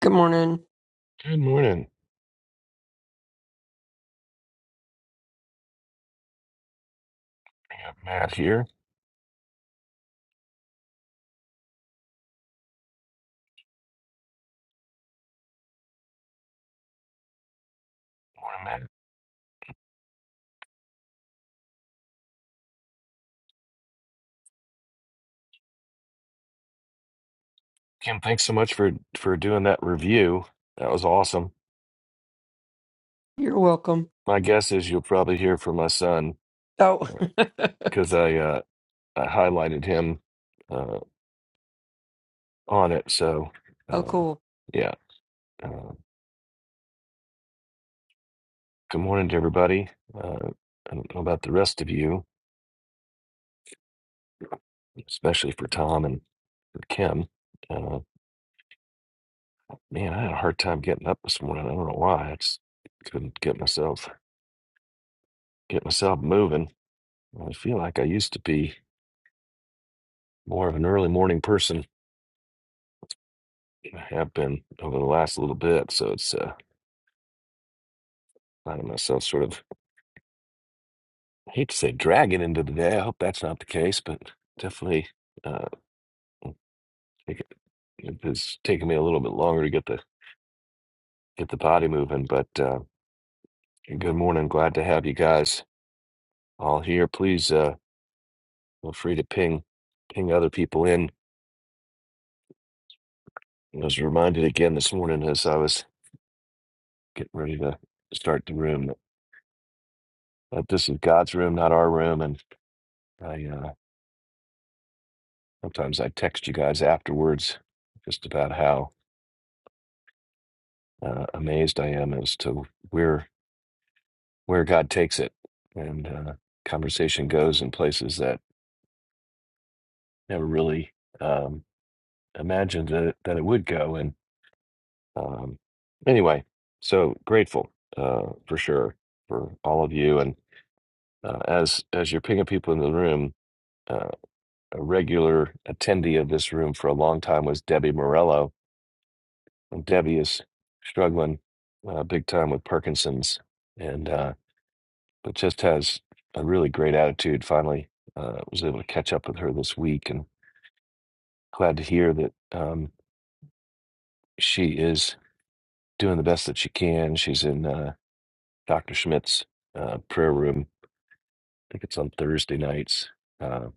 Good morning. Good morning. I got Matt here. Morning, Matt. Kim, thanks so much for for doing that review. That was awesome. You're welcome. My guess is you'll probably hear from my son Oh, because I uh, I highlighted him uh, on it. So oh, uh, cool. yeah. Uh, good morning to everybody. Uh, I don't know about the rest of you, especially for Tom and for Kim. Uh, man, I had a hard time getting up this morning. I don't know why. I just couldn't get myself get myself moving. I feel like I used to be more of an early morning person. I have been over the last little bit, so it's uh, finding myself sort of I hate to say dragging into the day. I hope that's not the case, but definitely uh, it, it's taken me a little bit longer to get the get the body moving. But uh, good morning, glad to have you guys all here. Please uh, feel free to ping ping other people in. I was reminded again this morning as I was getting ready to start the room that this is God's room, not our room, and. I. Uh, Sometimes I text you guys afterwards just about how uh, amazed I am as to where where God takes it, and uh, conversation goes in places that never really um, imagined that it, that it would go. And um, anyway, so grateful uh, for sure for all of you, and uh, as as you're picking people in the room. Uh, a regular attendee of this room for a long time was Debbie Morello, And Debbie is struggling uh, big time with Parkinson's, and uh, but just has a really great attitude. Finally, uh, was able to catch up with her this week, and glad to hear that um, she is doing the best that she can. She's in uh, Dr. Schmidt's uh, prayer room. I think it's on Thursday nights. Uh,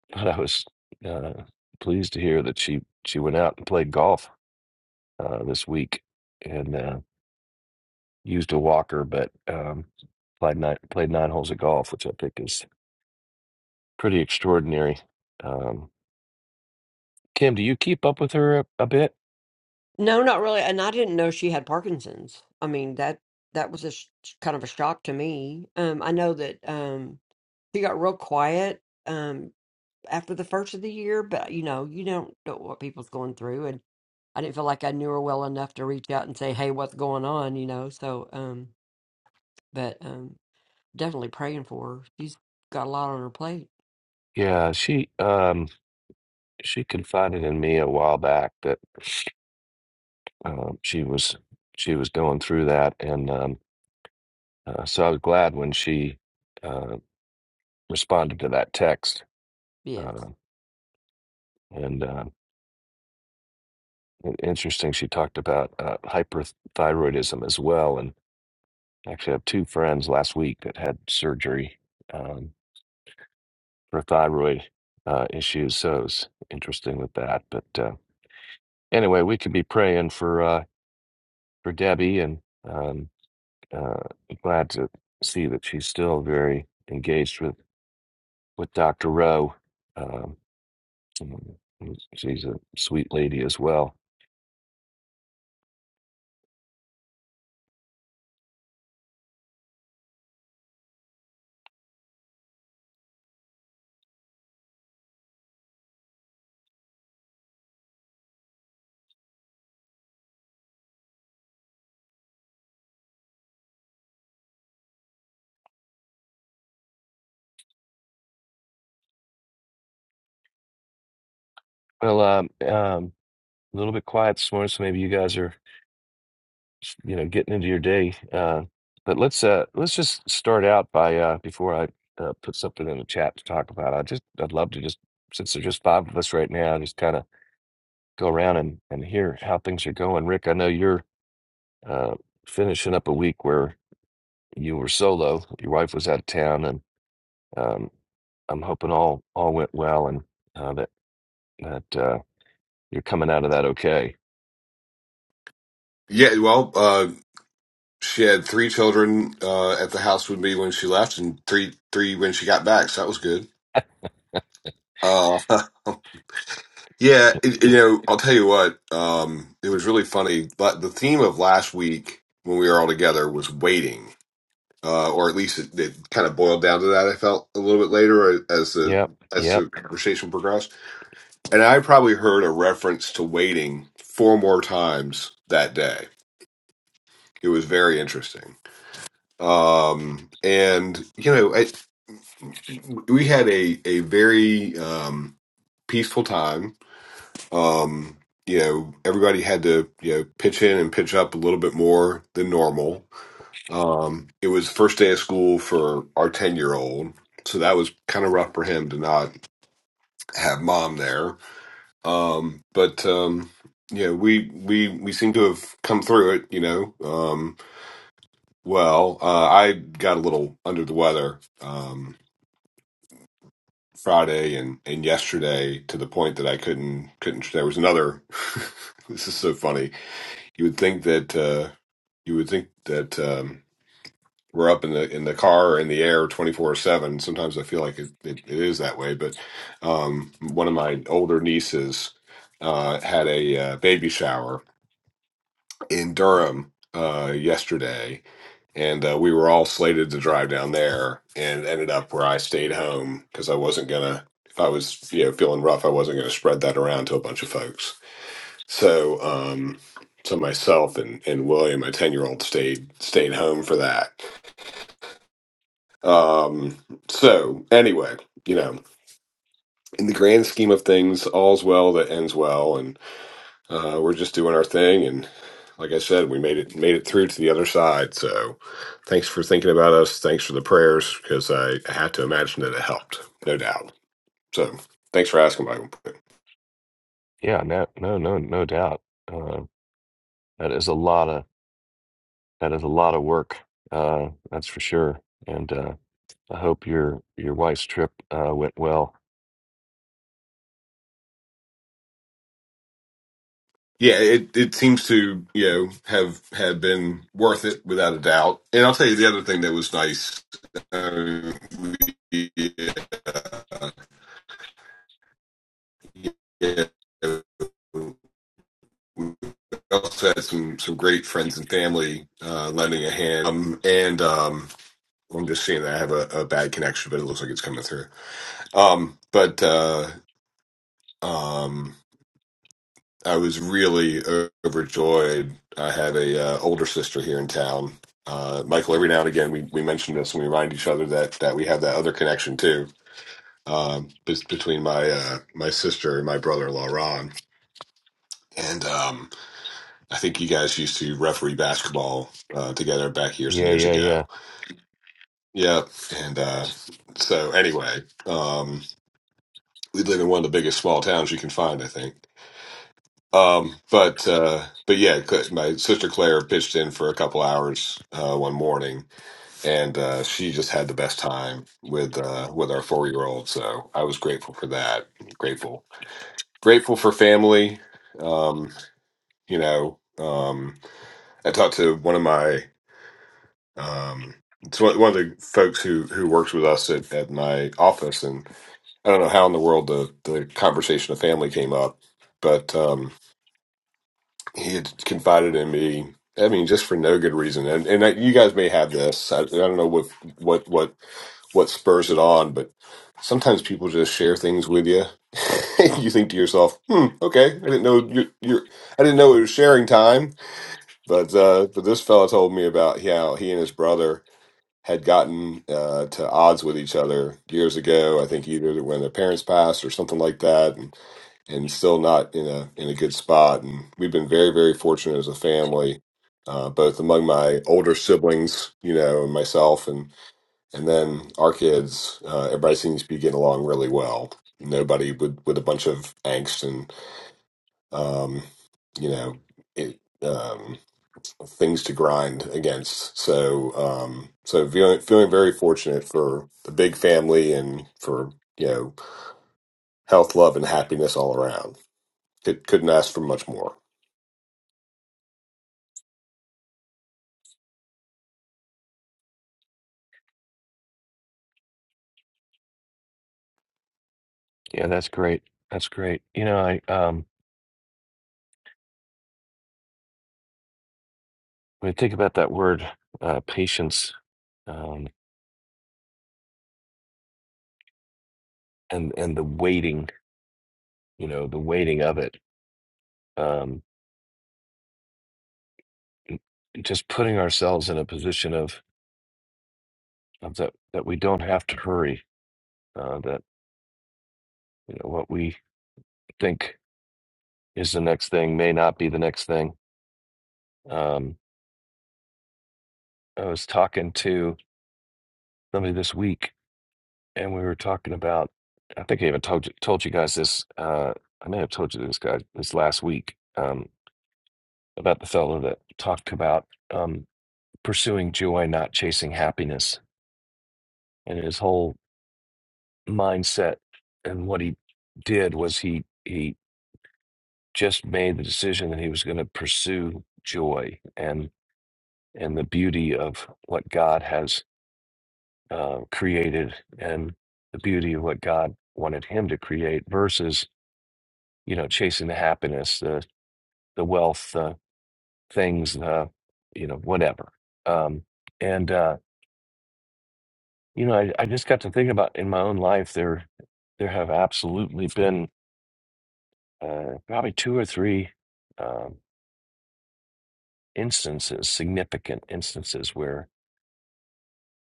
but I was uh, pleased to hear that she she went out and played golf uh, this week, and. uh, used a walker, but um, played nine played nine holes of golf, which I think is pretty extraordinary. Um, Kim, do you keep up with her a, a bit? No, not really. And I didn't know she had Parkinson's. I mean that that was a sh- kind of a shock to me. Um, I know that um she got real quiet um after the first of the year, but you know you don't know what people's going through, and I didn't feel like I knew her well enough to reach out and say, "Hey, what's going on?" You know. So, um, but um, definitely praying for her. She's got a lot on her plate. Yeah, she um, she confided in me a while back that um, she was she was going through that, and um, uh, so I was glad when she uh, responded to that text. Yes, Uh, and uh, interesting, she talked about uh, hyperthyroidism as well, and actually I have two friends last week that had surgery Um, for thyroid uh, issues. So it's interesting with that. But uh, anyway, we could be praying for uh, for Debbie, and um, uh, glad to see that she's still very engaged with with Dr. Rowe. Um, she's a sweet lady as well. Well, um, um, a little bit quiet this morning, so maybe you guys are you know getting into your day uh but let's uh let's just start out by uh before i uh, put something in the chat to talk about i just i'd love to just since there's just five of us right now just kind of go around and and hear how things are going rick i know you're uh finishing up a week where you were solo your wife was out of town and um i'm hoping all all went well and uh that that uh you're coming out of that okay Yeah, well, uh, she had three children uh, at the house with me when she left, and three three when she got back. So that was good. Uh, yeah, it, you know, I'll tell you what. Um, it was really funny. But the theme of last week when we were all together was waiting, uh, or at least it, it kind of boiled down to that. I felt a little bit later uh, as the yep as yep the conversation progressed, and I probably heard a reference to waiting four more times that day. It was very interesting. um and you know I, we had a a very um peaceful time um you know everybody had to you know pitch in and pitch up a little bit more than normal um it was first day of school for our 10 year old so that was kind of rough for him to not have mom there um but um yeah we we we seem to have come through it you know um well uh i got a little under the weather um Friday and and yesterday to the point that I couldn't couldn't. There was another. this is so funny. You would think that uh, you would think that um, we're up in the in the car or in the air twenty four seven. Sometimes I feel like it, it, it is that way. But um, one of my older nieces uh, had a uh, baby shower in Durham uh, yesterday, and uh, we were all slated to drive down there and ended up where i stayed home because i wasn't gonna if i was you know feeling rough i wasn't gonna spread that around to a bunch of folks so um so myself and, and william my 10 year old stayed stayed home for that um so anyway you know in the grand scheme of things all's well that ends well Uh, we're just doing our thing, and like I said, we made it made it through to the other side. So, thanks for thinking about us. Thanks for the prayers, because I have to imagine that it helped, no doubt. So, thanks for asking, Michael. yeah no no no no doubt uh that is a lot of That is a lot of work, uh, that's for sure. And uh, I hope your your wife's trip uh, went well. Yeah, it it seems to you know have have been worth it without a doubt. And I'll tell you the other thing that was nice. Uh, we, uh, yeah, we also had some some great friends and family uh, lending a hand, um, and um, I'm just seeing that I have a, a bad connection, but it looks like it's coming through. Um, but uh, um, I was really o- overjoyed. I have a uh, older sister here in town. Uh, Michael, every now and again, we, we mention this and we remind each other that that we have that other connection too, um, bes- between my uh, my sister and my brother-in-law Ron. And um, I think you guys used to referee basketball uh, together back years and Yeah, years yeah, ago. yeah, Yeah, and uh, so anyway. Um, we live in one of the biggest small towns you can find, I think. Um, but uh, but yeah, Cl- my sister Claire pitched in for a couple hours uh, one morning, and uh, she just had the best time with uh, with our four year old. So I was grateful for that. Grateful, grateful for family. Um, you know, um, I talked to one of my um, it's one one of the folks who who works with us at, at my office, and I don't know how in the world the the conversation of family came up, but. Um, he had confided in me. I mean, just for no good reason, and and I, you guys may have this. I, I don't know what what what what spurs it on, but sometimes people just share things with you. you think to yourself, "Hmm, okay, I didn't know you you I didn't know it was sharing time." But uh, but this fella told me about how he and his brother had gotten uh, to odds with each other years ago. I think either when their parents passed or something like that, and still not in a in a good spot. And we've been very very fortunate as a family, uh, both among my older siblings, you know, and myself, and and then our kids. Uh, everybody seems to be getting along really well. Nobody with with a bunch of angst and um, you know it, um, things to grind against. So um, so feeling feeling very fortunate for the big family and for you know health, love, and happiness all around. Could, couldn't ask for much more. yeah. That's great. That's great. You know, I um, when I think about that word uh, patience um, and and the waiting, you know, the waiting of it, um, just putting ourselves in a position of, of that that we don't have to hurry. Uh, that you know what we think is the next thing may not be the next thing. Um, I was talking to somebody this week, and we were talking about. I think I even told you, told you guys this. Uh, I may have told you this guy this last week um, about the fellow that talked about um, pursuing joy, not chasing happiness, and his whole mindset and what he did was he he just made the decision that he was going to pursue joy and and the beauty of what God has uh, created and the beauty of what God wanted him to create versus you know, chasing the happiness, the the wealth, the things, the you know, whatever. Um, and uh, you know, I, I just got to thinking about in my own life there there have absolutely been uh, probably two or three um, instances, significant instances where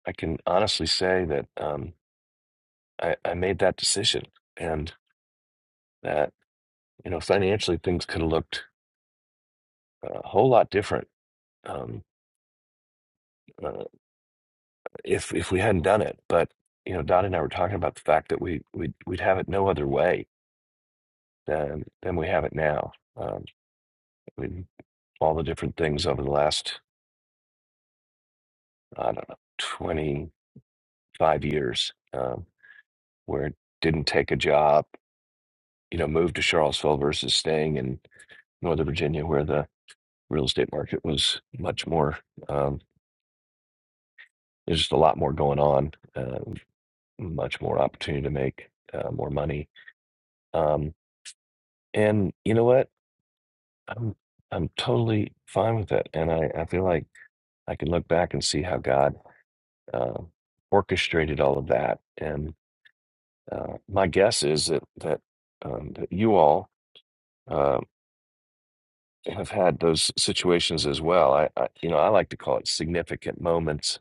I can honestly say that um, I, I made that decision and that you know financially things could have looked a whole lot different. Um, uh, if if we hadn't done it. But you know, Dottie and I were talking about the fact that we we'd, we'd have it no other way than than we have it now. Um, I mean, all the different things over the last I don't know twenty five years um, where it didn't take a job, you know, move to Charlottesville versus staying in Northern Virginia where the real estate market was much more. Um, there's just a lot more going on, uh, much more opportunity to make uh, more money. Um, and you know what? I'm I'm totally fine with that, and I I feel like I can look back and see how God uh, orchestrated all of that. And uh, my guess is that that, um, that you all uh, have had those situations as well. I, I you know I like to call it significant moments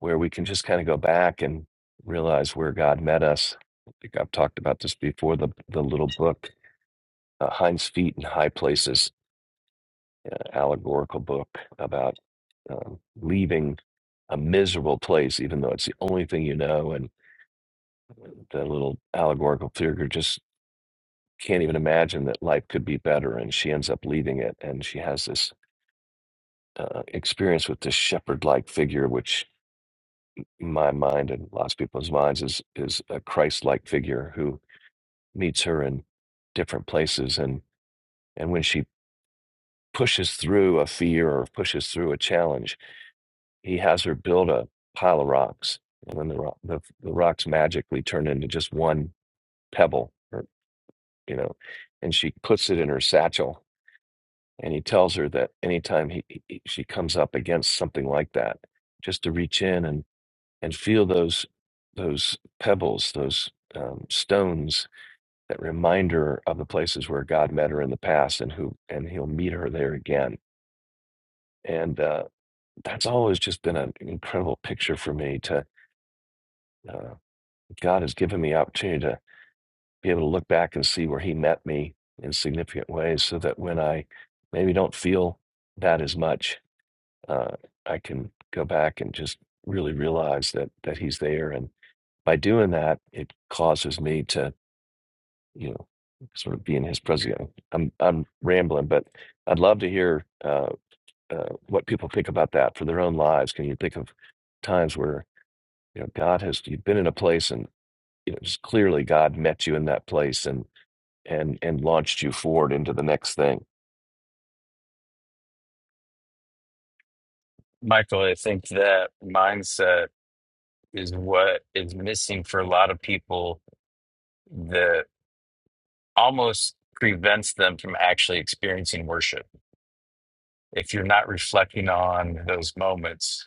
where we can just kind of go back and realize where God met us. I think I've talked about this before. The the little book uh, Heinz Feet in High Places allegorical book about um, leaving a miserable place, even though it's the only thing you know. And the little allegorical figure just can't even imagine that life could be better. And she ends up leaving it. And she has this uh, experience with this shepherd like figure, which in my mind and lots of people's minds is, is a Christ like figure who meets her in different places. And, and when she pushes through a fear or pushes through a challenge, he has her build a pile of rocks, and then the rock, the, the rocks magically turn into just one pebble, or, you know, and she puts it in her satchel. And he tells her that anytime he, he he- she comes up against something like that, just to reach in and and feel those those pebbles, those um, stones that remind her of the places where God met her in the past, and who and He'll meet her there again. And uh, that's always just been an incredible picture for me to. uh, God has given me opportunity to be able to look back and see where He met me in significant ways, so that when I maybe don't feel that as much, uh, I can go back and just really realize that that He's there. And by doing that, it causes me to, you know, sort of be in His presence. I'm I'm rambling, but I'd love to hear uh, uh, what people think about that for their own lives. Can you think of times where you know God has you've been in a place and you know just clearly god met you in that place and and and launched you forward into the next thing Michael, I think that mindset is what is missing for a lot of people that almost prevents them from actually experiencing worship. If you're not reflecting on those moments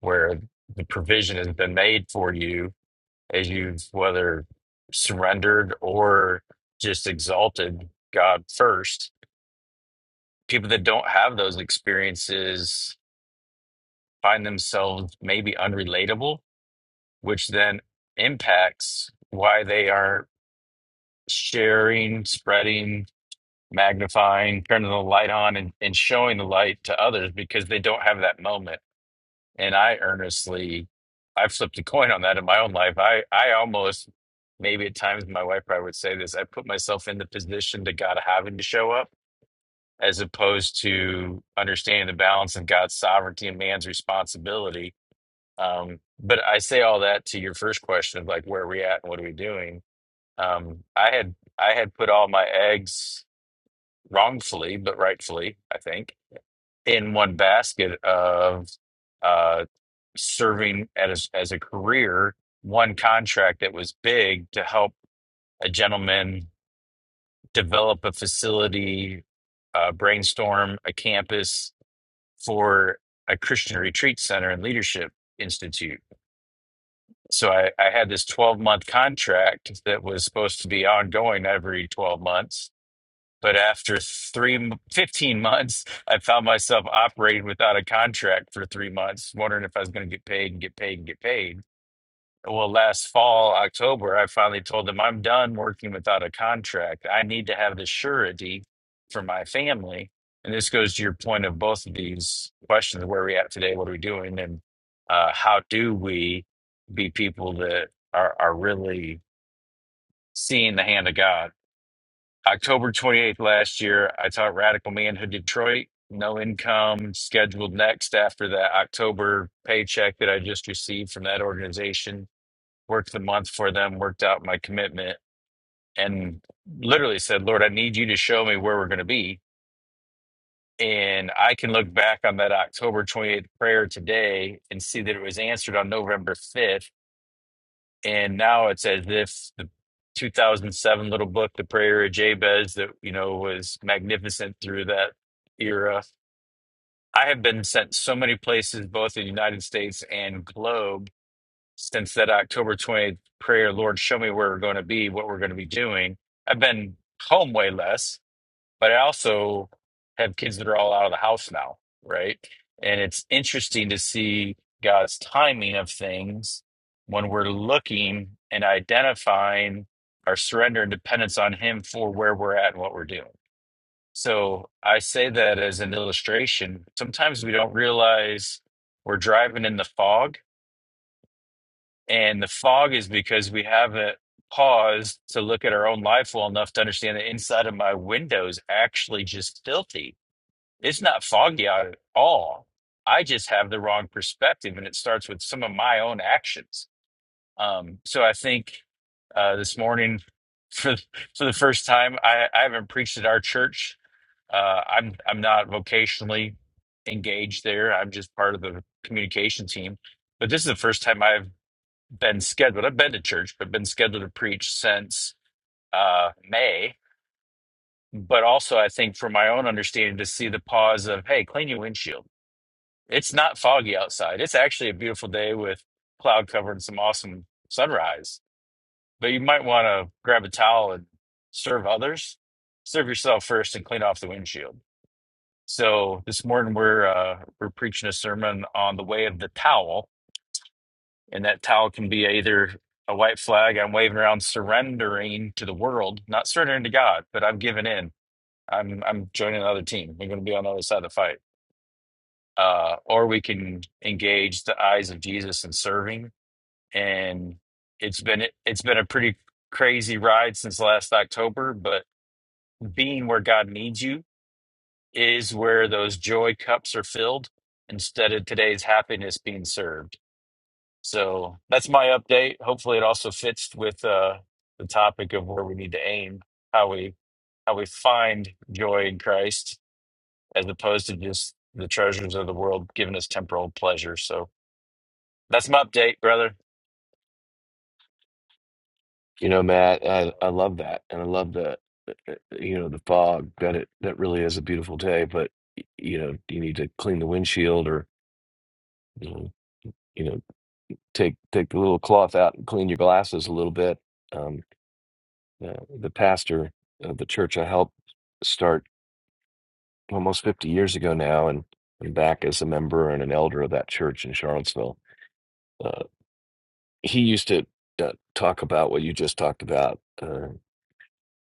where the provision has been made for you as you've whether surrendered or just exalted God first, people that don't have those experiences find themselves maybe unrelatable which then impacts why they are sharing, spreading, magnifying, turning the light on, and, and showing the light to others because they don't have that moment. And I earnestly, I've flipped a coin on that in my own life. I, I almost, maybe at times, my wife probably would say this I put myself in the position to God having to show up as opposed to understanding the balance of God's sovereignty and man's responsibility um, but I say all that to your first question of like where are we at and what are we doing? Um, I had I had put all my eggs wrongfully, but rightfully, I think, in one basket of uh, serving as as a career, one contract that was big to help a gentleman develop a facility, uh, brainstorm a campus for a Christian retreat center and leadership institute So I, I had this 12 month contract that was supposed to be ongoing every 12 months. But after three, m- 15 months, I found myself operating without a contract for three months, wondering if I was going to get paid and get paid and get paid. Well, last fall, October, I finally told them I'm done working without a contract. I need to have the surety for my family. And this goes to your point of both of these questions where are we at today? What are we doing? And uh, how do we be people that are, are really seeing the hand of God? October 28th last year, I taught Radical Manhood Detroit. No income scheduled next after that October paycheck that I just received from that organization worked the month for them, worked out my commitment, and literally said, Lord, I need you to show me where we're going to be. And I can look back on that October 28th prayer today and see that it was answered on November 5th. And now it's as if the 2007 little book, The Prayer of Jabez, that, you know, was magnificent through that era. I have been sent so many places, both in the United States and globe since that October 20th prayer, Lord, show me where we're going to be, what we're going to be doing. I've been home way less, but I also have kids that are all out of the house now, right? And it's interesting to see God's timing of things when we're looking and identifying our surrender and dependence on Him for where we're at and what we're doing. So I say that as an illustration. Sometimes we don't realize we're driving in the fog and the fog is because we haven't paused to look at our own life well enough to understand the inside of my window is actually just filthy. It's not foggy out at all. I just have the wrong perspective, and it starts with some of my own actions. Um, so I think uh, this morning, for for the first time, I, I haven't preached at our church. Uh, I'm I'm not vocationally engaged there. I'm just part of the communication team. But this is the first time I've been scheduled. I've been to church, but been scheduled to preach since uh, May. But also, I think from my own understanding, to see the pause of, hey, clean your windshield. It's not foggy outside. It's actually a beautiful day with cloud cover and some awesome sunrise. But you might want to grab a towel and serve others. Serve yourself first and clean off the windshield. So this morning we're uh, we're preaching a sermon on the way of the towel, And that towel can be either a white flag I'm waving around surrendering to the world, not surrendering to God, but I'm giving in. I'm I'm joining another team. We're going to be on the other side of the fight. Uh, or we can engage the eyes of Jesus in serving. And it's been it's been a pretty crazy ride since last October, but being where God needs you is where those joy cups are filled instead of today's happiness being served. So that's my update. Hopefully, it also fits with uh, the topic of where we need to aim, how we how we find joy in Christ, as opposed to just the treasures of the world giving us temporal pleasure. So that's my update, brother. you know matt i, I love that and i love the uh, uh, you know the fog that it that really is a beautiful day but y- you know you need to clean the windshield or you know, you know take take the little cloth out and clean your glasses a little bit um uh, the pastor of the church i helped start almost 50 years ago now and I'm back as a member and an elder of that church in Charlottesville uh, he used to uh, talk about what you just talked about uh,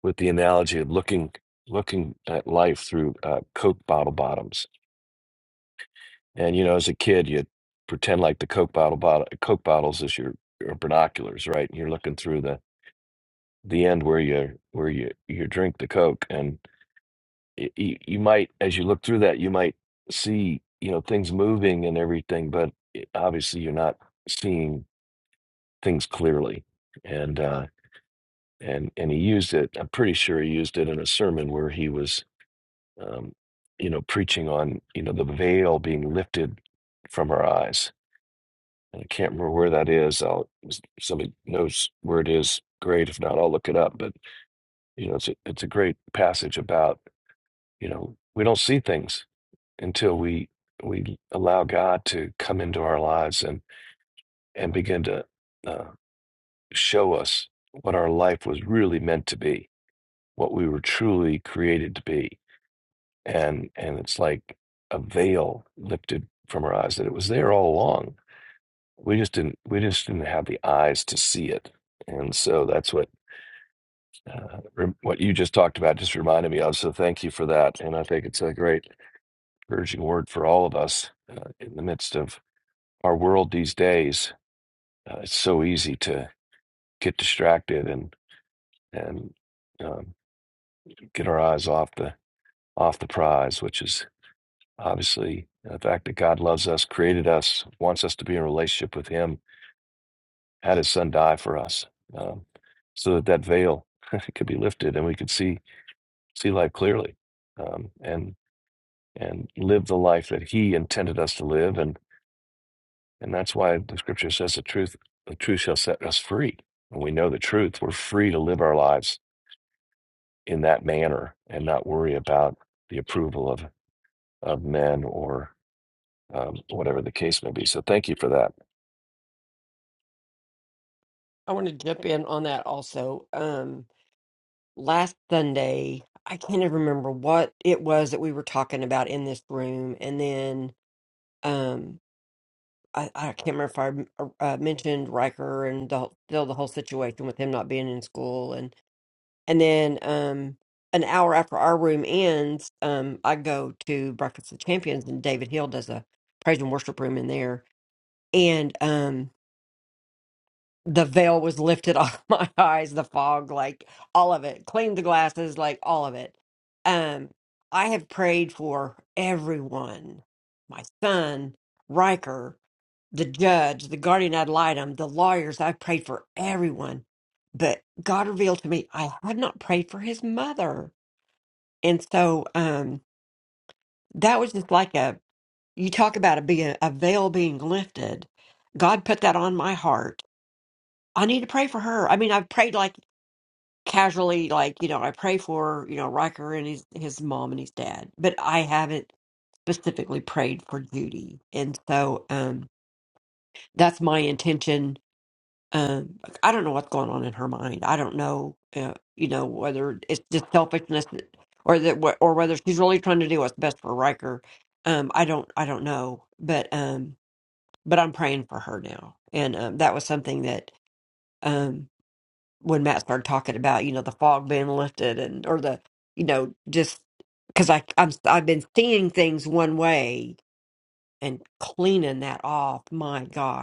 with the analogy of looking looking at life through uh, Coke bottle bottoms. And you know, as a kid, you pretend like the Coke bottle bottle Coke bottles is your, your binoculars, right? And you're looking through the the end where you where you you drink the Coke, and you, you might as you look through that, you might see you know things moving and everything, but it- obviously you're not seeing things clearly. And uh, and and he used it. I'm pretty sure he used it in a sermon where he was, um, you know, preaching on you know the veil being lifted from our eyes. And I can't remember where that is. I'll if somebody knows where it is. Great. If not, I'll look it up. But you know, it's a, it's a great passage about you know we don't see things until we we allow God to come into our lives and and begin to uh, show us what our life was really meant to be, what we were truly created to be and and it's like a veil lifted from our eyes that it was there all along. We just didn't we just didn't have the eyes to see it, and so that's what uh, rem- what you just talked about just reminded me of. So thank you for that, and I think it's a great encouraging word for all of us uh, in the midst of our world these days. Uh, it's so easy to get distracted and and um, get our eyes off the off the prize, which is Obviously, the fact that God loves us, created us, wants us to be in relationship with Him, had His Son die for us, um, so that that veil could be lifted and we could see see life clearly, um, and and live the life that He intended us to live, and and that's why the Scripture says the truth the truth shall set us free. When we know the truth, we're free to live our lives in that manner and not worry about the approval of of men or um, whatever the case may be. So thank you for that. I want to jump in on that also. Um. last Sunday, I can't even remember what it was that we were talking about in this room. And then um, I, I can't remember if I m- uh, uh, mentioned Riker and the, whole- still the whole situation with him not being in school. And, and then um, an hour after our room ends, um, I go to Breakfast of Champions and David Hill does a praise and worship room in there. And um, the veil was lifted off my eyes, the fog, like all of it. Cleaned the glasses, like all of it. Um, I have prayed for everyone. My son, Riker, the judge, the guardian ad litem, the lawyers, I've prayed for everyone. But God revealed to me I had not prayed for his mother. And so um that was just like a you talk about it being a veil being lifted. God put that on my heart. I need to pray for her. I mean, I've prayed like casually like you know i pray for you know Riker and his his mom and his dad but i haven't specifically prayed for Judy and so um that's my intention um like, i don't know what's going on in her mind i don't know uh, you know whether it's just selfishness or that wh- or whether she's really trying to do what's best for Riker um i don't i don't know but um but i'm praying for her now and um that was something that um, when Matt started talking about, you know, the fog being lifted and or the, you know, just because I I'm I've been seeing things one way and cleaning that off. My gosh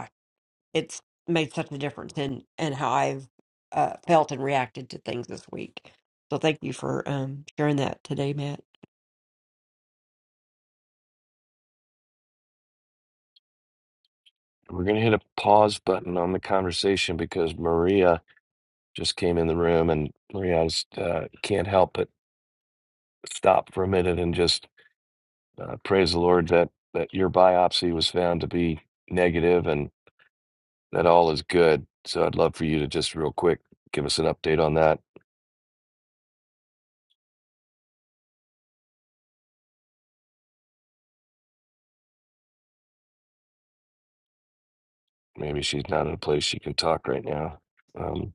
it's made such a difference in and how I've uh, felt and reacted to things this week. So thank you for um, sharing that today, Matt. We're going to hit a pause button on the conversation because Maria just came in the room and Maria I just, uh, can't help but stop for a minute and just uh, praise the Lord that, that your biopsy was found to be negative and that all is good. So I'd love for you to just real quick give us an update on that. Maybe she's not in a place she can talk right now. Um,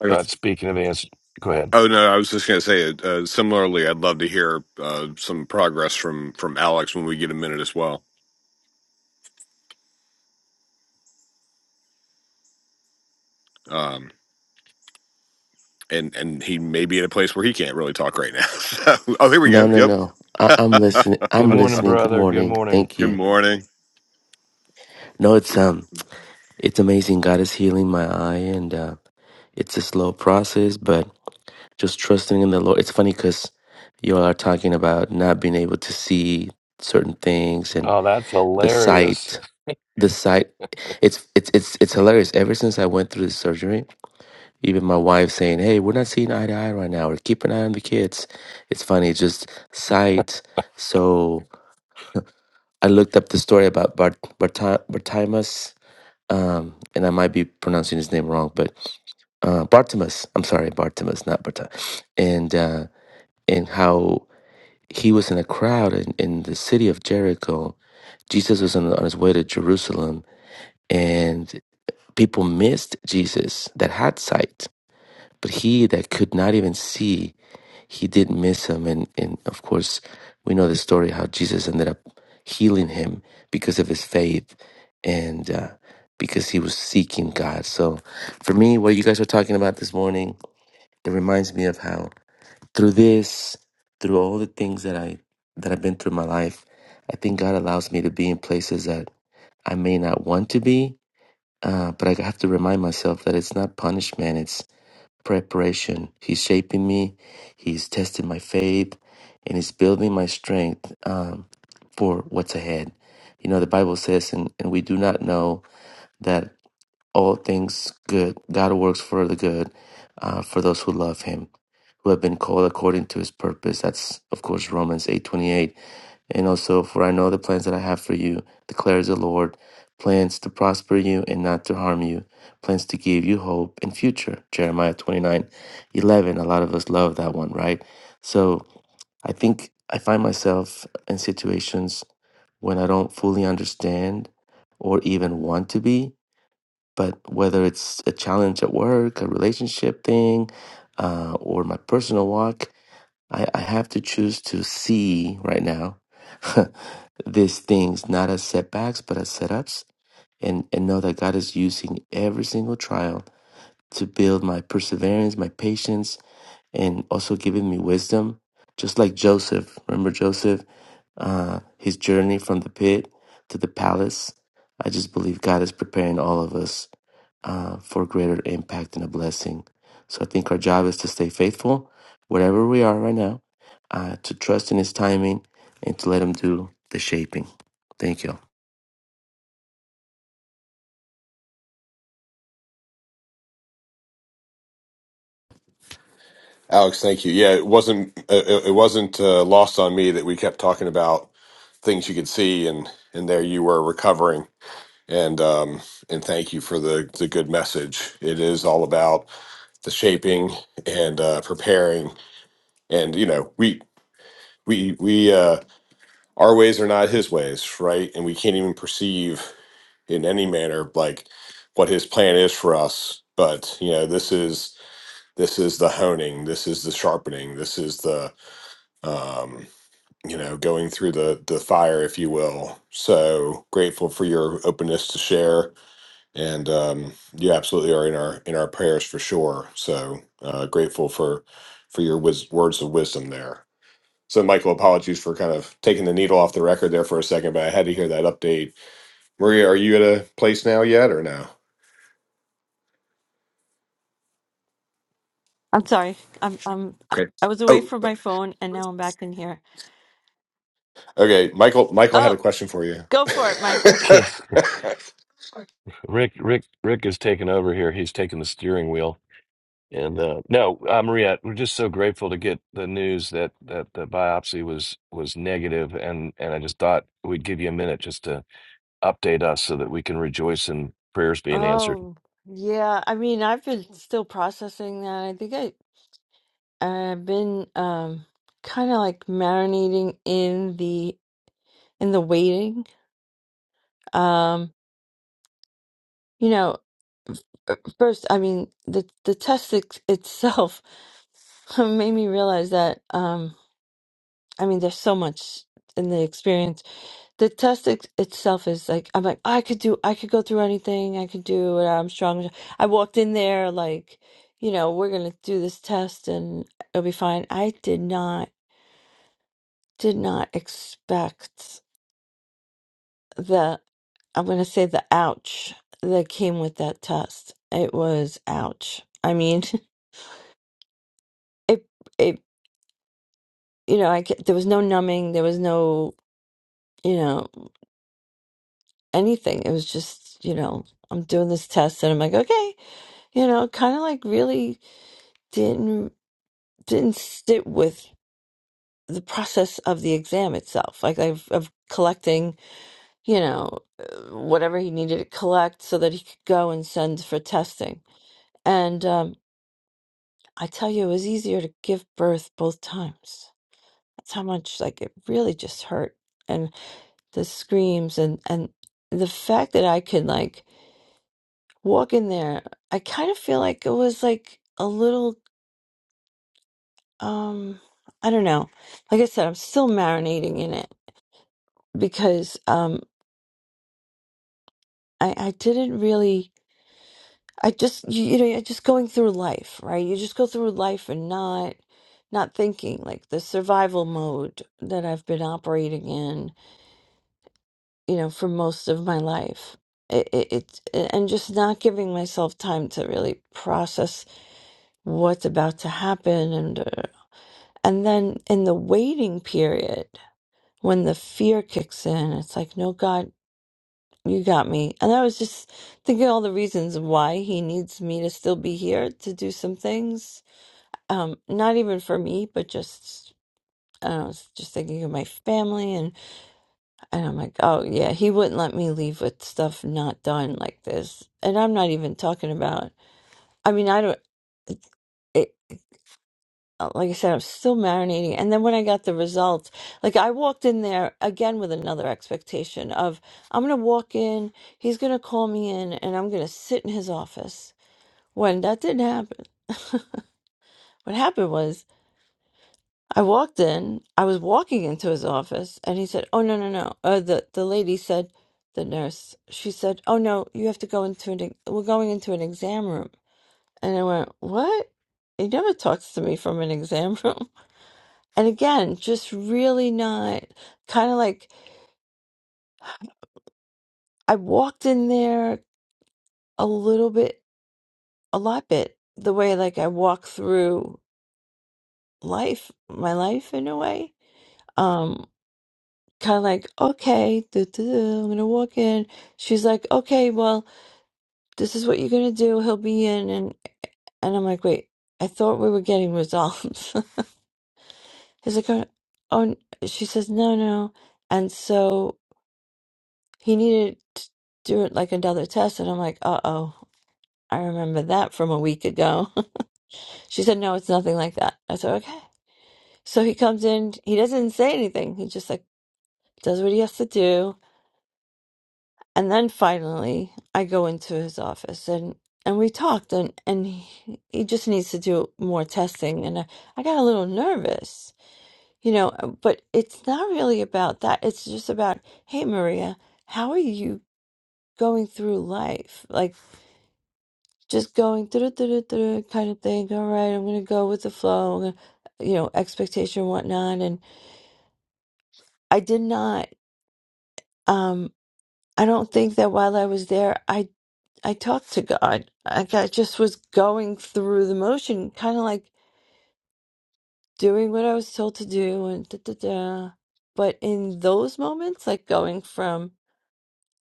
Uh, but speaking of answers, go ahead. Oh no, I was just going to say. Uh, uh, similarly, I'd love to hear uh, some progress from from Alex when we get a minute as well. Um, and and he may be in a place where he can't really talk right now. so, oh, here we No, go. no, Yep. no. I, I'm listening. Good I'm morning, listening. Good brother. Good morning. morning. Thank Good you. morning. No, it's um, it's amazing. God is healing my eye, and uh, it's a slow process, but just trusting in the Lord. It's funny because you all are talking about not being able to see certain things and Oh, that's the hilarious. sight. The sight. It's it's it's it's hilarious. Ever since I went through the surgery, even my wife saying, "Hey, we're not seeing eye to eye right now. Or keep an eye on the kids." It's funny. It's just sight. So I looked up the story about Bart, Barti- Bartimaeus, um, and I might be pronouncing his name wrong, but uh, Bartimaeus. I'm sorry, Bartimaeus, not Barta. And uh, and how he was in a crowd in, in the city of Jericho. Jesus was on, on his way to Jerusalem, and people missed Jesus that had sight but he that could not even see, he did miss him. And, and of course, we know the story how Jesus ended up healing him because of his faith and uh, because he was seeking God. So for me, what you guys are talking about this morning, it reminds me of how through this, through all the things that I that I've been through in my life, I think God allows me to be in places that I may not want to be, uh, but I have to remind myself that it's not punishment. It's preparation. He's shaping me, He's testing my faith, and He's building my strength um, for what's ahead. You know, the Bible says, and, and we do not know that all things good. God works for the good uh, for those who love Him, who have been called according to His purpose. That's of course Romans eight twenty eight, and also for I know the plans that I have for you, declares the Lord, plans to prosper you and not to harm you, plans to give you hope and future. Jeremiah twenty nine, eleven. A lot of us love that one, right? So I think I find myself in situations when I don't fully understand or even want to be but whether it's a challenge at work, a relationship thing, uh, or my personal walk, I, I have to choose to see right now these things not as setbacks, but as setups, and, and know that God is using every single trial to build my perseverance, my patience, and also giving me wisdom, just like Joseph. Remember Joseph, uh, his journey from the pit to the palace. I just believe God is preparing all of us uh, for greater impact and a blessing. So I think our job is to stay faithful, wherever we are right now, uh, to trust in His timing and to let Him do the shaping. Thank you. Alex, thank you. Yeah, it wasn't uh, it it wasn't uh, lost on me that we kept talking about things you could see, and and there you were recovering. And um, and thank you for the the good message. It is all about the shaping and uh, preparing, and you know we we we uh our ways are not his ways right and we can't even perceive in any manner like what his plan is for us but you know this is this is the honing this is the sharpening this is the um you know going through the the fire if you will so grateful for your openness to share and um you absolutely are in our in our prayers for sure so uh grateful for for your wis- words of wisdom there so, Michael, apologies for kind of taking the needle off the record there for a second, but I had to hear that update. Maria, are you at a place now yet or no? I'm sorry. I'm I'm I Okay. I was away Oh, from my phone and now I'm back in here. okay. Michael, Michael had a Oh, question for you. go for it, Michael. Rick, Rick, Rick is taking over here. He's taking the steering wheel. And uh, no, uh, Maria, we're just so grateful to get the news that that the biopsy was was negative, and and I just thought we'd give you a minute just to update us so that we can rejoice in prayers being answered. Oh, yeah. I mean, I've been still processing that. I think I I've been um kind of like marinating in the in the waiting. Um, you know, f- first, I mean, the the test it, itself made me realize that um I mean, there's so much in the experience the test it, itself is like I'm like I could do I could go through anything I could do it I'm strong I walked in there like you know we're gonna do this test and it'll be fine I did not did not expect the I'm gonna say the ouch that came with that test it was ouch I mean it it you know I ca- there was no numbing there was no you know anything it was just you know I'm doing this test and I'm like okay you know kind of like really didn't didn't sit with the process of the exam itself like I've, of collecting you know uh, whatever he needed to collect so that he could go and send for testing and um, i tell you it was easier to give birth both times that's how much like it really just hurt and the screams and and the fact that i could like walk in there i kind of feel like it was like a little um i don't know like i said i'm still marinating in it because um I, I didn't really I just you, you know you're just going through life right you just go through life and not not thinking like the survival mode that I've been operating in you know for most of my life it, it, it and just not giving myself time to really process what's about to happen and uh, and then in the waiting period when the fear kicks in it's like no god You got me. And I was just thinking all the reasons why he needs me to still be here to do some things. Um, not even for me, but just I don't know, s- just thinking of my family and and I'm like, oh yeah, he wouldn't let me leave with stuff not done like this. And I'm not even talking about I mean, I don't it, uh, like I said, I'm still marinating. And then when I got the results, like I walked in there again with another expectation of I'm gonna walk in, he's gonna call me in, and I'm gonna sit in his office when that didn't happen. What happened was I walked in, I was walking into his office, and he said, Oh, no, no, no. Uh, the, the lady said, the nurse, she said, Oh, no, you have to go into an, ex- we're going into an exam room. And I went, What? He never talks to me from an exam room. And again, just really not kind of like I walked in there a little bit, a lot bit, the way like I walk through life, my life in a way. Um, kind of like, okay, duh, duh, duh, I'm gonna walk in. She's like, okay, well, this is what you're gonna do. He'll be in, and and I'm like, wait, I thought we were getting results. He's like, oh, oh, n- she says, no, no, and so he needed to do it like another test, and I'm like, uh oh, I remember that from a week ago. she said, no, it's nothing like that. I said, okay. So he comes in, he doesn't say anything. He just like does what he has to do and then finally i go into his office and and we talked and and he, he just needs to do more testing and I, I got a little nervous you know uh, but it's not really about that it's just about hey maria how are you going through life like just going through the kind of thing all right i'm gonna go with the flow I'm gonna, you know expectation and whatnot and i did not um i don't think that while i was there I. I talked to God. Like I just was going through the motion, kind of like doing what I was told to do and da da da. But in those moments, like going from,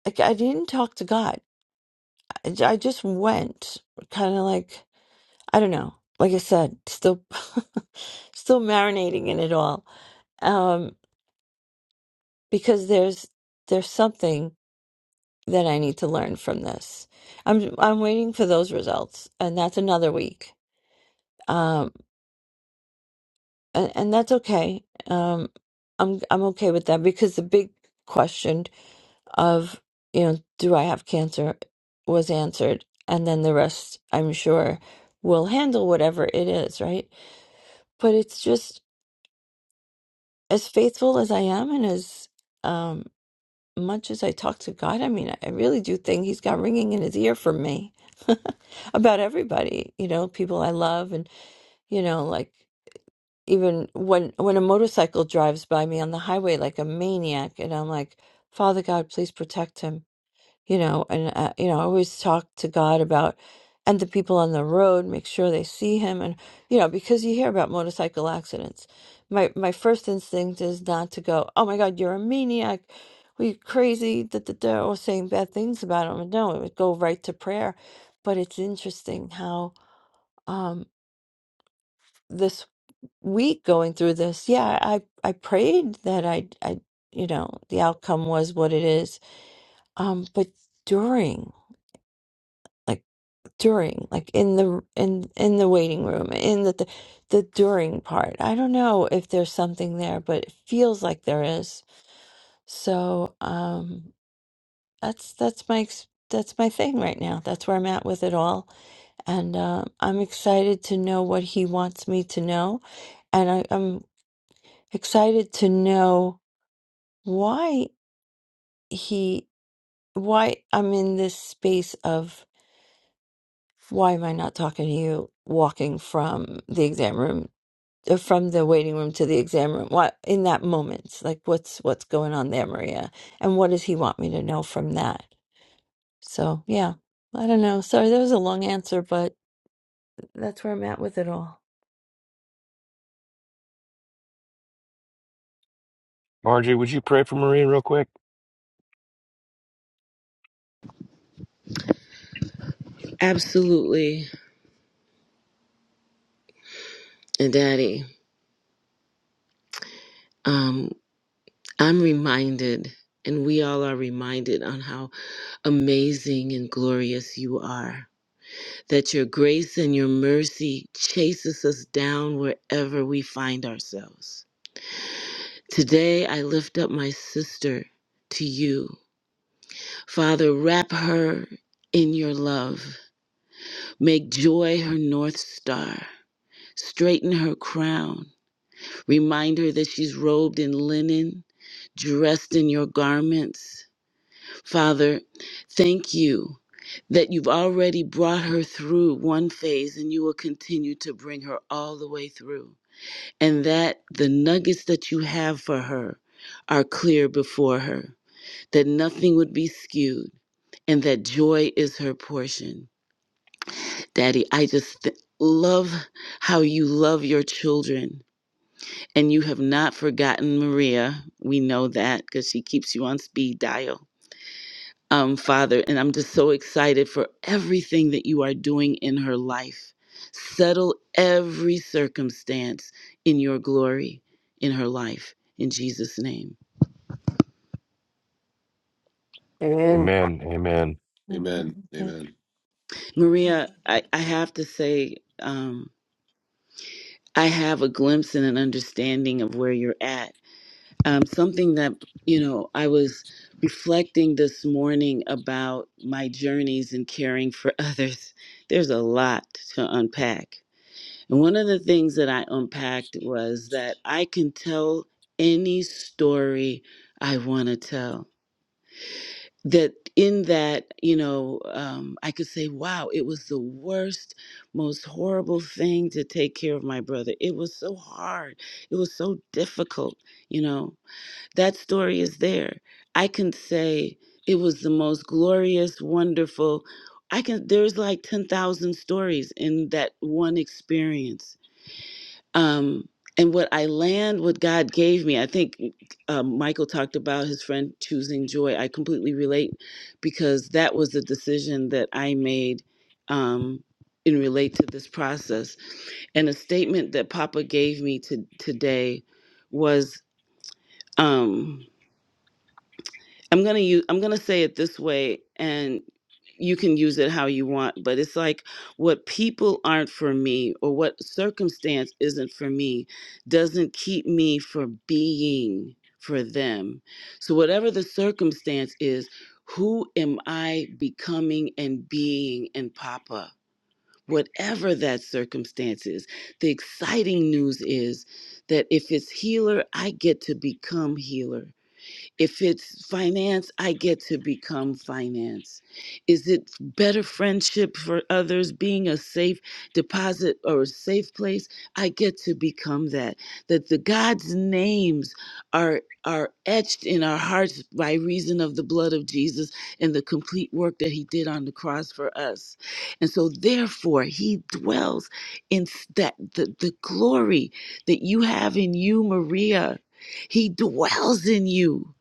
like I didn't talk to God. I j- I just went, kind of like, I don't know. Like I said, still, still marinating in it all. Um, because there's, there's something that I need to learn from this. I'm, I'm waiting for those results, and that's another week. um, and, and that's okay. Um, I'm I'm okay with that because the big question of you know do I have cancer was answered, and then the rest I'm sure will handle whatever it is, right? But it's just as faithful as I am, and as um, much as I talk to God, I mean, I really do think He's got ringing in His ear for me about everybody, you know, people I love, and you know, like. even when when a motorcycle drives by me on the highway like a maniac and i'm like father god please protect him you know and uh, you know i always talk to god about and the people on the road make sure they see him and you know because you hear about motorcycle accidents my my first instinct is not to go oh my god you're a maniac we crazy da, da, da, or saying bad things about him no it would go right to prayer but it's interesting how um, this week going through this yeah i i prayed that i i you know the outcome was what it is um but during like during like in the in in the waiting room in the the, the during part i don't know if there's something there but it feels like there is so um that's that's my ex- that's my thing right now that's where i'm at with it all and um i'm excited to know what he wants me to know and I, i'm excited to know why he why I'm in this space of why am I not talking to you walking from the exam room uh, from the waiting room to the exam room what in that moment like what's what's going on there Maria and what does he want me to know from that so yeah I don't know sorry that was a long answer but that's where I'm at with it all Marjorie, would you pray for Maria real quick? Absolutely. And Daddy, um, I'm reminded, and we all are reminded, on how amazing and glorious you are. That your grace and your mercy chases us down wherever we find ourselves. Today, I lift up my sister to you. Father, wrap her in your love. Make joy her north star. Straighten her crown Remind her that she's robed in linen, dressed in your garments. Father, thank you that you've already brought her through one phase and you will continue to bring her all the way through. And that the nuggets that you have for her are clear before her, that nothing would be skewed, and that joy is her portion. Daddy, I just th- love how you love your children And you have not forgotten Maria. We know that because she keeps you on speed dial. Um, Father, and I'm just so excited for everything that you are doing in her life. Settle every circumstance in your glory in her life. In Jesus' name. Amen. Amen, amen. amen. Mhm. Amen. Maria, I, I have to say, um, I have a glimpse and an understanding of where you're at um, something that you know i was reflecting this morning about my journeys in caring for others there's a lot to unpack and one of the things that i unpacked was that i can tell any story i want to tell that in that you know um, i could say wow it was the worst most horrible thing to take care of my brother it was so hard it was so difficult you know that story is there. I can say it was the most glorious, wonderful. I can there's like 10,000 stories in that one experience. Um and what I land, what God gave me, I think um, Michael talked about his friend choosing joy. I completely relate because that was the decision that I made um, in relate to this process. And a statement that Papa gave me to, today was. Um, I'm gonna use I'm gonna say it this way and you can use it how you want, but it's like what people aren't for me or what circumstance isn't for me doesn't keep me from being for them. So whatever the circumstance is, who am I becoming and being in Papa? Whatever that circumstance is, the exciting news is that if it's healer, I get to become healer. If it's finance, I get to become finance. Is it better friendship for others, being a safe deposit or a safe place? I get to become that. That the God's names are are etched in our hearts by reason of the blood of Jesus and the complete work that he did on the cross for us. And so therefore he dwells in s- that the, the glory that you have in you, Maria. He dwells in you.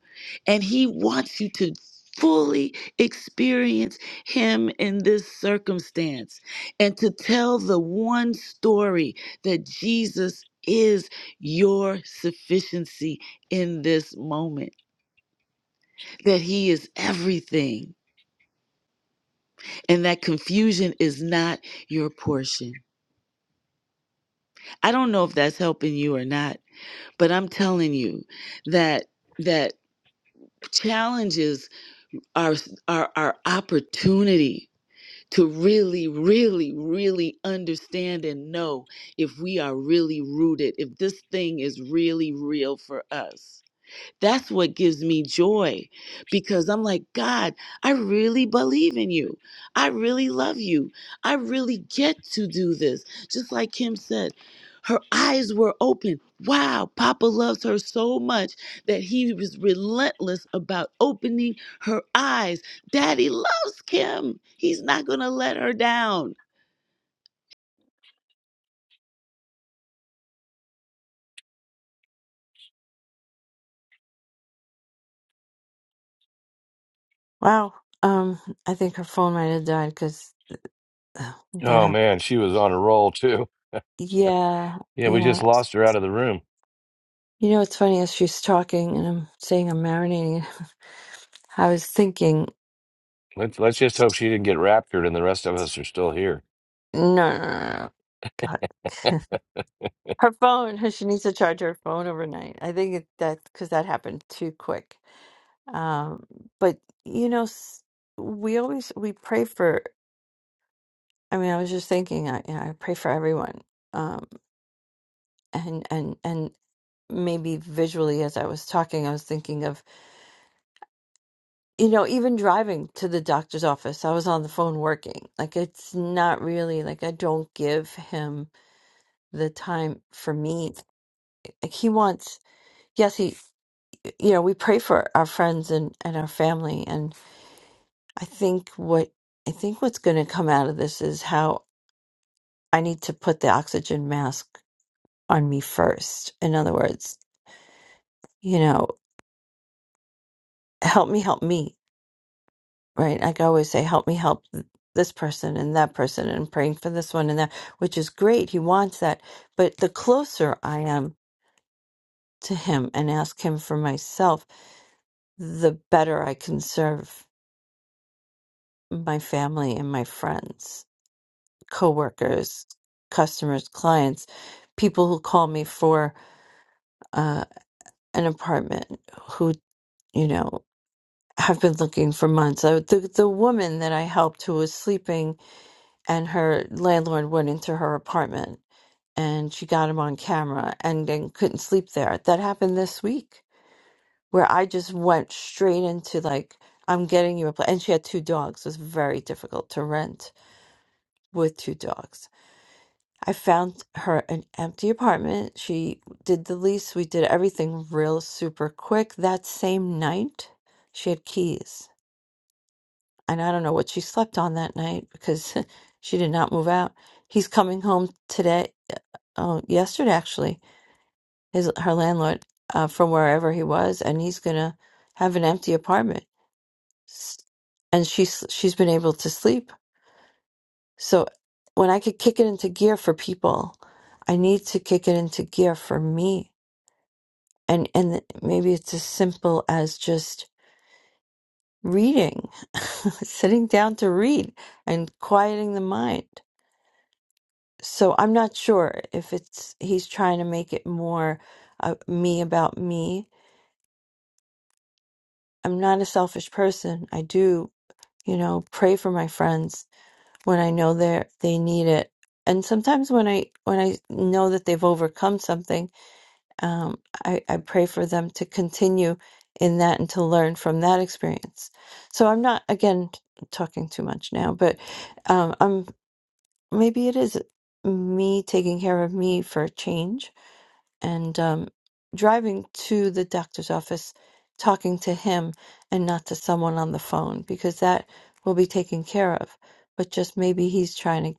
And he wants you to fully experience him in this circumstance and to tell the one story that Jesus is your sufficiency in this moment, that he is everything, and that confusion is not your portion. I don't know if that's helping you or not, but I'm telling you that that challenges are are our opportunity to really, really, really understand and know if we are really rooted, if this thing is really real for us. That's what gives me joy because I'm like, God, I really believe in you. I really love you. I really get to do this. Just like Kim said, her eyes were open. Wow, Papa loves her so much that he was relentless about opening her eyes. Daddy loves Kim. He's not going to let her down. wow um I think her phone might have died because that Oh happened man, she was on a roll too. yeah Yeah, we yeah just lost her out of the room. You know, it's funny as she's talking and I'm saying I'm marinating. I was thinking, Let's let's just hope she didn't get raptured, and the rest of us are still here. no, no, no, no. no, God, her phone. She needs to charge her phone overnight. I think it, that because that happened too quick. Um, but you know, s- we always we pray for. I mean, I was just thinking, I, you know, I pray for everyone. Um, and and and maybe visually as I was talking, I was thinking of you know, even driving to the doctor's office, I was on the phone working. Like, it's not really like I don't give him the time for me. Like, he wants, yes, he, you know, we pray for our friends and, and our family. And I think what, I think what's going to come out of this is how I need to put the oxygen mask on me first. In other words, you know, help me, help me right? Like I always say, help me help th- this person and that person, and praying for this one and that, which is great. He wants that. But the closer I am to Him and ask Him for myself, the better I can serve my family and my friends, coworkers, customers, clients, people who call me for uh, an apartment, who, you know, have been looking for months. I, the, the woman that I helped who was sleeping and her landlord went into her apartment and she got him on camera and then couldn't sleep there. That happened this week where I just went straight into like, I'm getting you a place. And she had two dogs. It was very difficult to rent with two dogs. I found her an empty apartment. She did the lease. We did everything real super quick. That same night, she had keys. And I don't know what she slept on that night because she did not move out. He's coming home today. Oh, yesterday actually his her landlord uh, from wherever he was, and he's gonna have an empty apartment, S- and she's she's been able to sleep. So when I could kick it into gear for people, I need to kick it into gear for me, and and maybe it's as simple as just reading, sitting down to read, and quieting the mind. So I'm not sure if it's he's trying to make it more uh, me about me. I'm not a selfish person. I do you know pray for my friends when i know they they need it and sometimes when i when i know that they've overcome something um, I, I pray for them to continue in that and to learn from that experience so i'm not again talking too much now but um, i'm maybe it is me taking care of me for a change and um, driving to the doctor's office, talking to him and not to someone on the phone because that will be taken care of. But just maybe he's trying to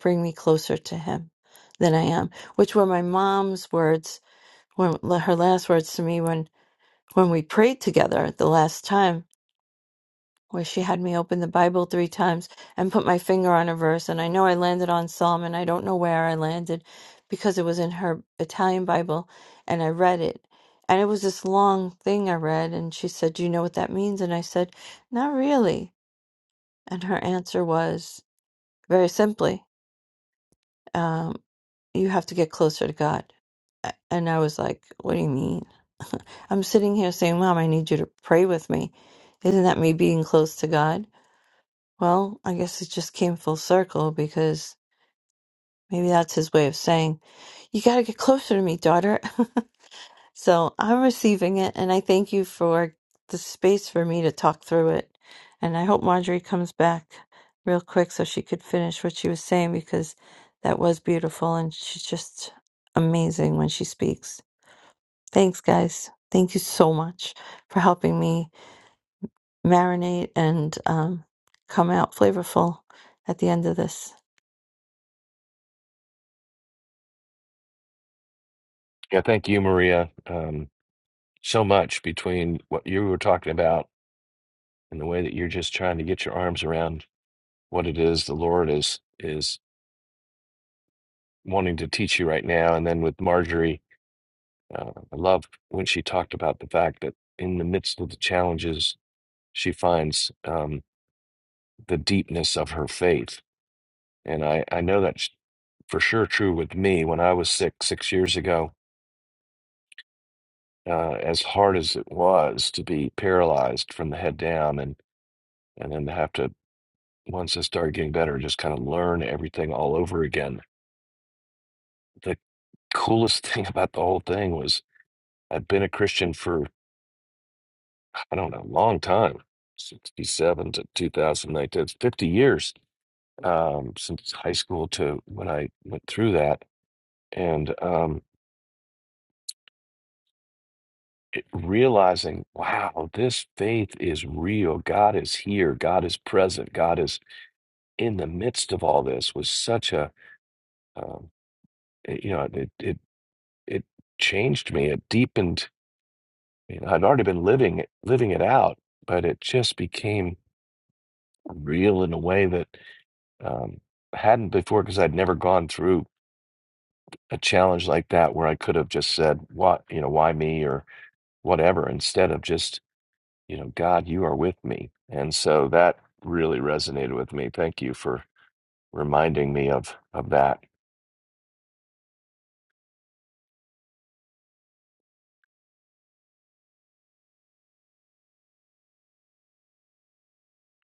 bring me closer to him than I am, which were my mom's words when her last words to me when when we prayed together the last time where she had me open the Bible three times and put my finger on a verse. And I know I landed on Psalm, and I don't know where I landed because it was in her Italian Bible, and I read it. And it was this long thing I read, and she said, Do you know what that means? And I said, Not really. And her answer was very simply, um, You have to get closer to God. A- And I was like, What do you mean? I'm sitting here saying, Mom, I need you to pray with me. Isn't that me being close to God? Well, I guess it just came full circle because maybe that's his way of saying, You got to get closer to me, daughter. so I'm receiving it, and I thank you for the space for me to talk through it. And I hope Marjorie comes back real quick so she could finish what she was saying because that was beautiful, and she's just amazing when she speaks. Thanks, guys. Thank you so much for helping me marinate and um, come out flavorful at the end of this. Yeah, thank you, Maria. Um, so much between what you were talking about and the way that you're just trying to get your arms around what it is the Lord is is wanting to teach you right now. And then with Marjorie, uh, I love when she talked about the fact that in the midst of the challenges, she finds um, the deepness of her faith. And I, I know that's for sure true with me. When I was sick six years ago, uh, as hard as it was to be paralyzed from the head down and and then to have to once it started getting better, just kind of learn everything all over again. The coolest thing about the whole thing was I'd been a Christian for, I don't know, a long time, 67 to 2019, it's 50 years um, since high school to when I went through that. And um, it, realizing, wow, this faith is real. God is here. God is present. God is in the midst of all this was such a, um, it- you know, it, it, it changed me. It deepened I mean, I'd already been living it, living it out, but it just became real in a way that um, hadn't before because I'd never gone through a challenge like that where I could have just said, "What, you know, why me?" or whatever, instead of just, you know, God, you are with me, and so that really resonated with me. Thank you for reminding me of of that,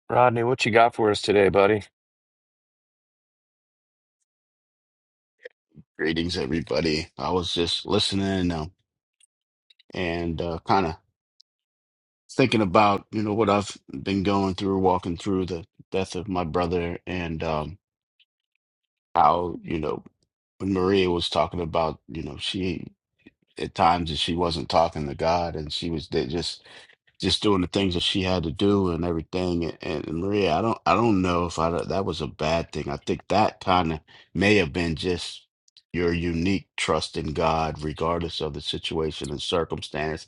Rodney. What you got for us today, buddy? Greetings, everybody. I was just listening uh, and uh, kind of thinking about, you know, what I've been going through, walking through the death of my brother, and um, how, you know, when Maria was talking about, you know, she at times that she wasn't talking to God, and she was they just just doing the things that she had to do and everything. And, and and Maria, I don't, I don't know if I that was a bad thing. I think that kind of may have been just your unique trust in God, regardless of the situation and circumstance.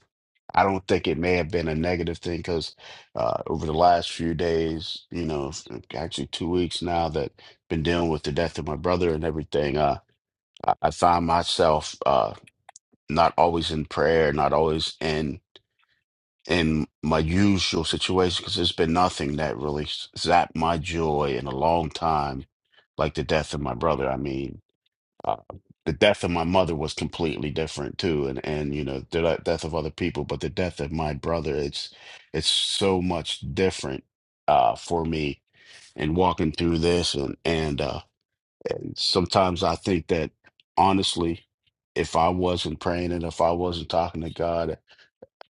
I don't think it may have been a negative thing because uh, over the last few days, you know, f- actually two weeks now that been dealing with the death of my brother and everything, uh, I, I find myself uh, not always in prayer, not always in in my usual situation because there's been nothing that really s- zapped my joy in a long time, like the death of my brother. I mean, uh, the death of my mother was completely different too, and and you know the de- death of other people, but the death of my brother, it's it's so much different uh, for me. And walking through this, and and uh, sometimes I think that honestly, if I wasn't praying and if I wasn't talking to God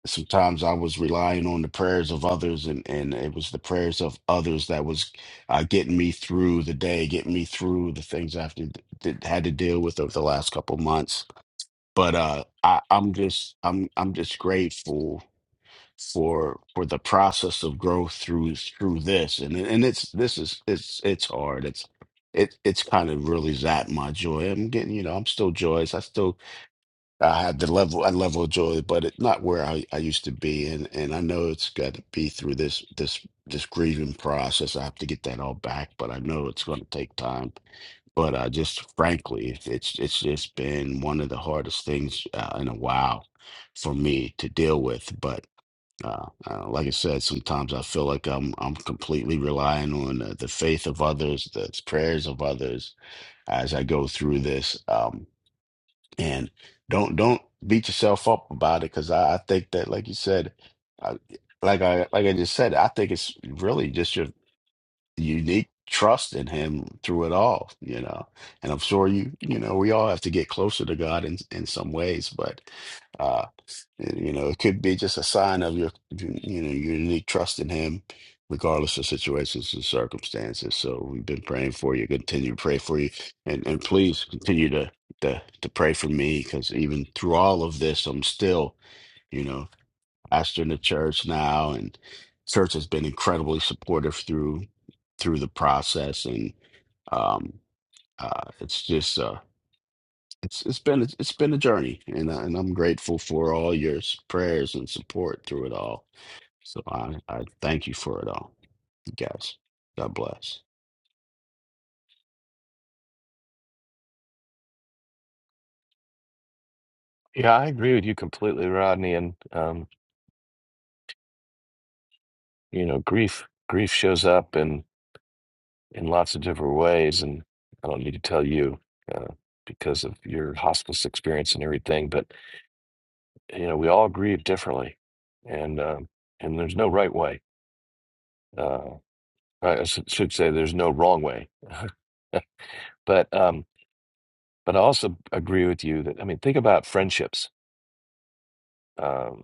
sometimes I was relying on the prayers of others, and and it was the prayers of others that was uh, getting me through the day, getting me through the things I've to- that had to deal with over the last couple months. But uh, I, I'm just I'm I'm just grateful for for the process of growth through through this, and and it's this is it's it's hard. It's it it's kind of really zapped my joy. I'm getting you know I'm still joyous. I still I had the level a level of joy, but it, not where I, I used to be, and and I know it's got to be through this this this grieving process. I have to get that all back, but I know it's going to take time. But uh, just frankly, it's it's it's just been one of the hardest things uh, in a while for me to deal with. But uh, uh, like I said, sometimes I feel like I'm I'm completely relying on uh, the faith of others, the prayers of others as I go through this. Um, and don't don't beat yourself up about it because I, I think that like you said I, like I like I just said I think it's really just your unique trust in him through it all you know and i'm sure you you know we all have to get closer to god in in some ways but uh you know it could be just a sign of your you know your unique trust in him regardless of situations and circumstances so we've been praying for you continue to pray for you and and please continue to to, to pray for me because even through all of this i'm still you know pastor in the church now, and church has been incredibly supportive through through the process, and um, uh, it's just uh, it's it's been it's been a journey, and I- and I'm grateful for all your s- prayers and support through it all. So I I thank you for it all, you guys. God bless. Yeah, I agree with you completely, Rodney. And um, you know, grief grief shows up, and. in lots of different ways. And I don't need to tell you uh, because of your hospice experience and everything, but you know, we all grieve differently, and um, and there's no right way. Uh, I sh- should say there's no wrong way, but um, but I also agree with you that I mean, think about friendships. Um,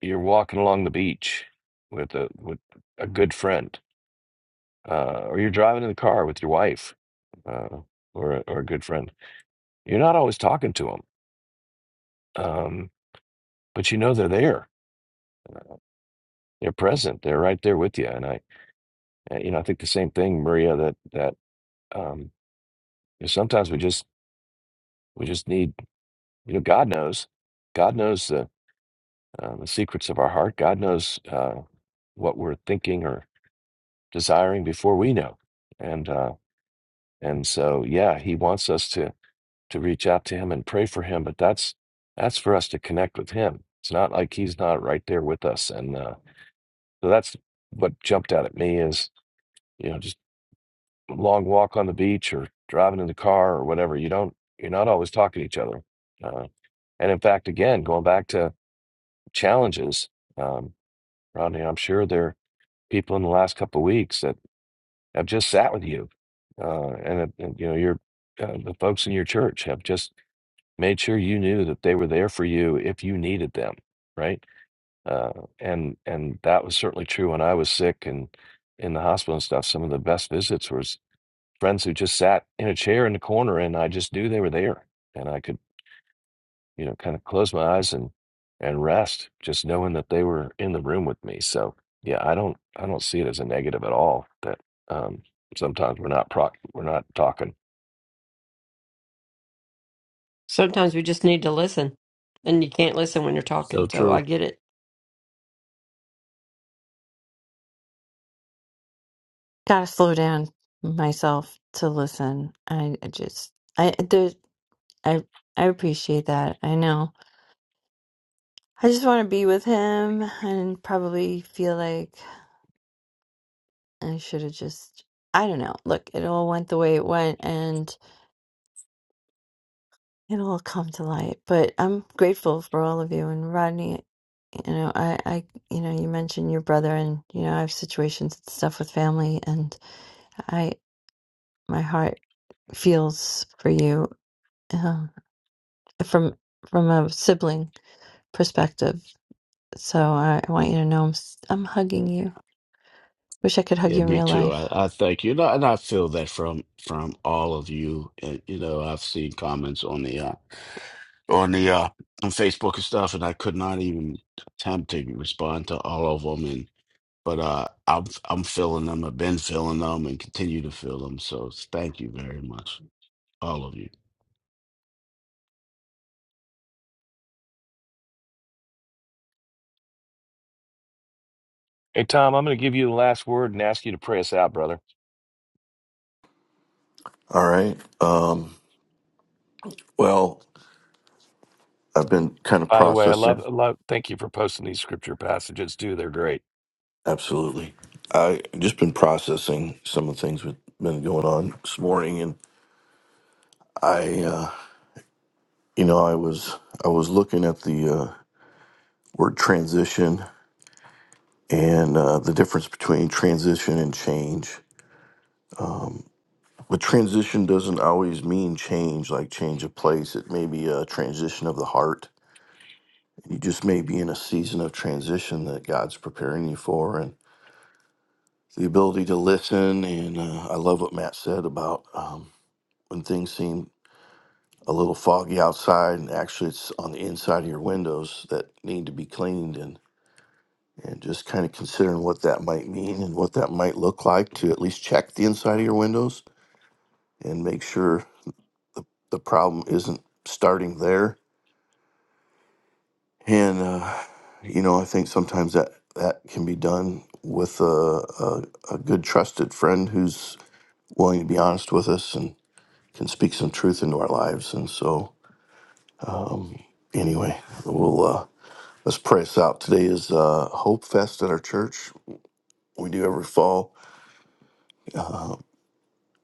you're walking along the beach with a with a good friend, uh, or you're driving in the car with your wife uh, or a- or a good friend. You're not always talking to them but you know they're there they're present they're right there with you and i uh, you know i think the same thing maria that that um you know, sometimes we just we just need you know god knows god knows the uh, the secrets of our heart god knows uh what we're thinking or desiring before we know and uh and so yeah he wants us to to reach out to him and pray for him but that's that's for us to connect with him it's not like he's not right there with us and uh so that's what jumped out at me is you know just long walk on the beach or driving in the car or whatever. You don't, you're not always talking to each other. Uh, and in fact, again, going back to challenges, um, Rodney, I'm sure there are people in the last couple of weeks that have just sat with you, uh, and, uh, and you know your uh, the folks in your church have just made sure you knew that they were there for you if you needed them, right? Uh, and and that was certainly true when I was sick and in the hospital and stuff. Some of the best visits was. friends who just sat in a chair in the corner and I just knew they were there and I could you know kind of close my eyes and and rest just knowing that they were in the room with me so yeah I don't I don't see it as a negative at all that um sometimes we're not proc we're not talking Sometimes we just need to listen, and you can't listen when you're So talking. So I true. get it. gotta slow down myself to listen. I, I just I there I I appreciate that. I know. I just want to be with him and probably feel like I should have just I don't know. Look, it all went the way it went and it'll all come to light. But I'm grateful for all of you and Rodney. You know, I, I, you know, you mentioned your brother, and you know, I have situations and stuff with family, and I, my heart feels for you um, from from a sibling perspective. So I, I want you to know I'm s- I'm hugging you. Wish I could hug Yeah, you in me real too. life. I, I thank you, and I, and I feel that from from all of you. And, you know, I've seen comments on the uh, on the uh on Facebook and stuff, and I could not even attempt to respond to all of them. And but uh, I'm I'm filling them. I've been filling them and continue to fill them. So thank you very much, all of you. hey Tom I'm going to give you the last word and ask you to pray us out brother All right. Um, well, I've been kind of by the way I love processing. I love thank you for posting these scripture passages too they're great Absolutely. I just been processing some of the things that been going on this morning, and I, uh, you know, I was I was looking at the uh, word transition and uh, the difference between transition and change. But transition doesn't always mean change, like change of place. It may be a transition of the heart. You just may be in a season of transition that God's preparing you for, the ability to listen. And uh, I love what Matt said about um, when things seem a little foggy outside, and actually it's on the inside of your windows that need to be cleaned, and and just kind of considering what that might mean and what that might look like to at least check the inside of your windows and make sure the problem isn't starting there. And uh, you know, I think sometimes that that can be done with a, a, a good trusted friend who's willing to be honest with us and can speak some truth into our lives. And so, anyway, we'll uh, let's pray us out. Today is uh, Hope Fest at our church. We do every fall.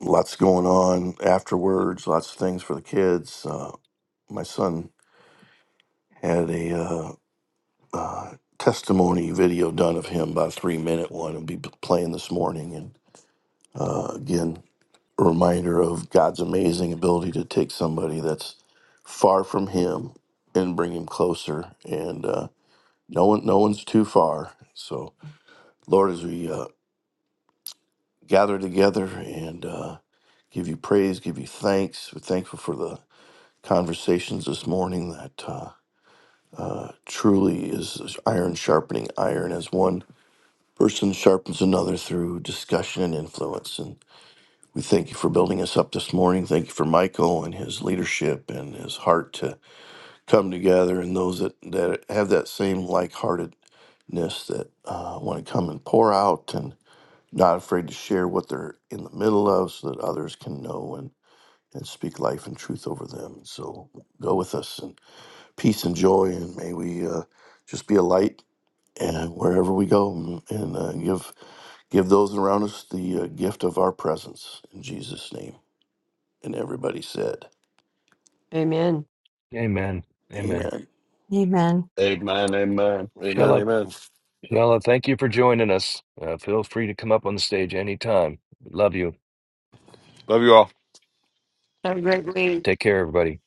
Lots going on afterwards. Lots of things for the kids. Uh, my son had a uh, uh, testimony video done of him, about a three minute one, and be playing this morning. And uh, again, a reminder of God's amazing ability to take somebody that's far from Him and bring Him closer. And uh, No one, no one's too far. So, Lord, as we uh, gather together and uh, give you praise, give you thanks, we're thankful for the conversations this morning. That uh, truly is is iron sharpening iron, as one person sharpens another through discussion and influence. And we thank you for building us up this morning. Thank you for Michael and his leadership and his heart to come together, and those that that have that same like heartedness That uh, want to come and pour out, and. not afraid to share what they're in the middle of so that others can know and, and speak life and truth over them. So go with us and peace and joy, and may we uh, just be a light and wherever we go and, and uh, give give those around us the uh, gift of our presence in Jesus' name. And everybody said, Amen. amen amen Amen. Amen. Amen, amen. Amen. Shella, Amen. Shella, thank you for joining us. Uh, feel free to come up on the stage anytime. Love you. Love you all. Have a great week. Take care, everybody.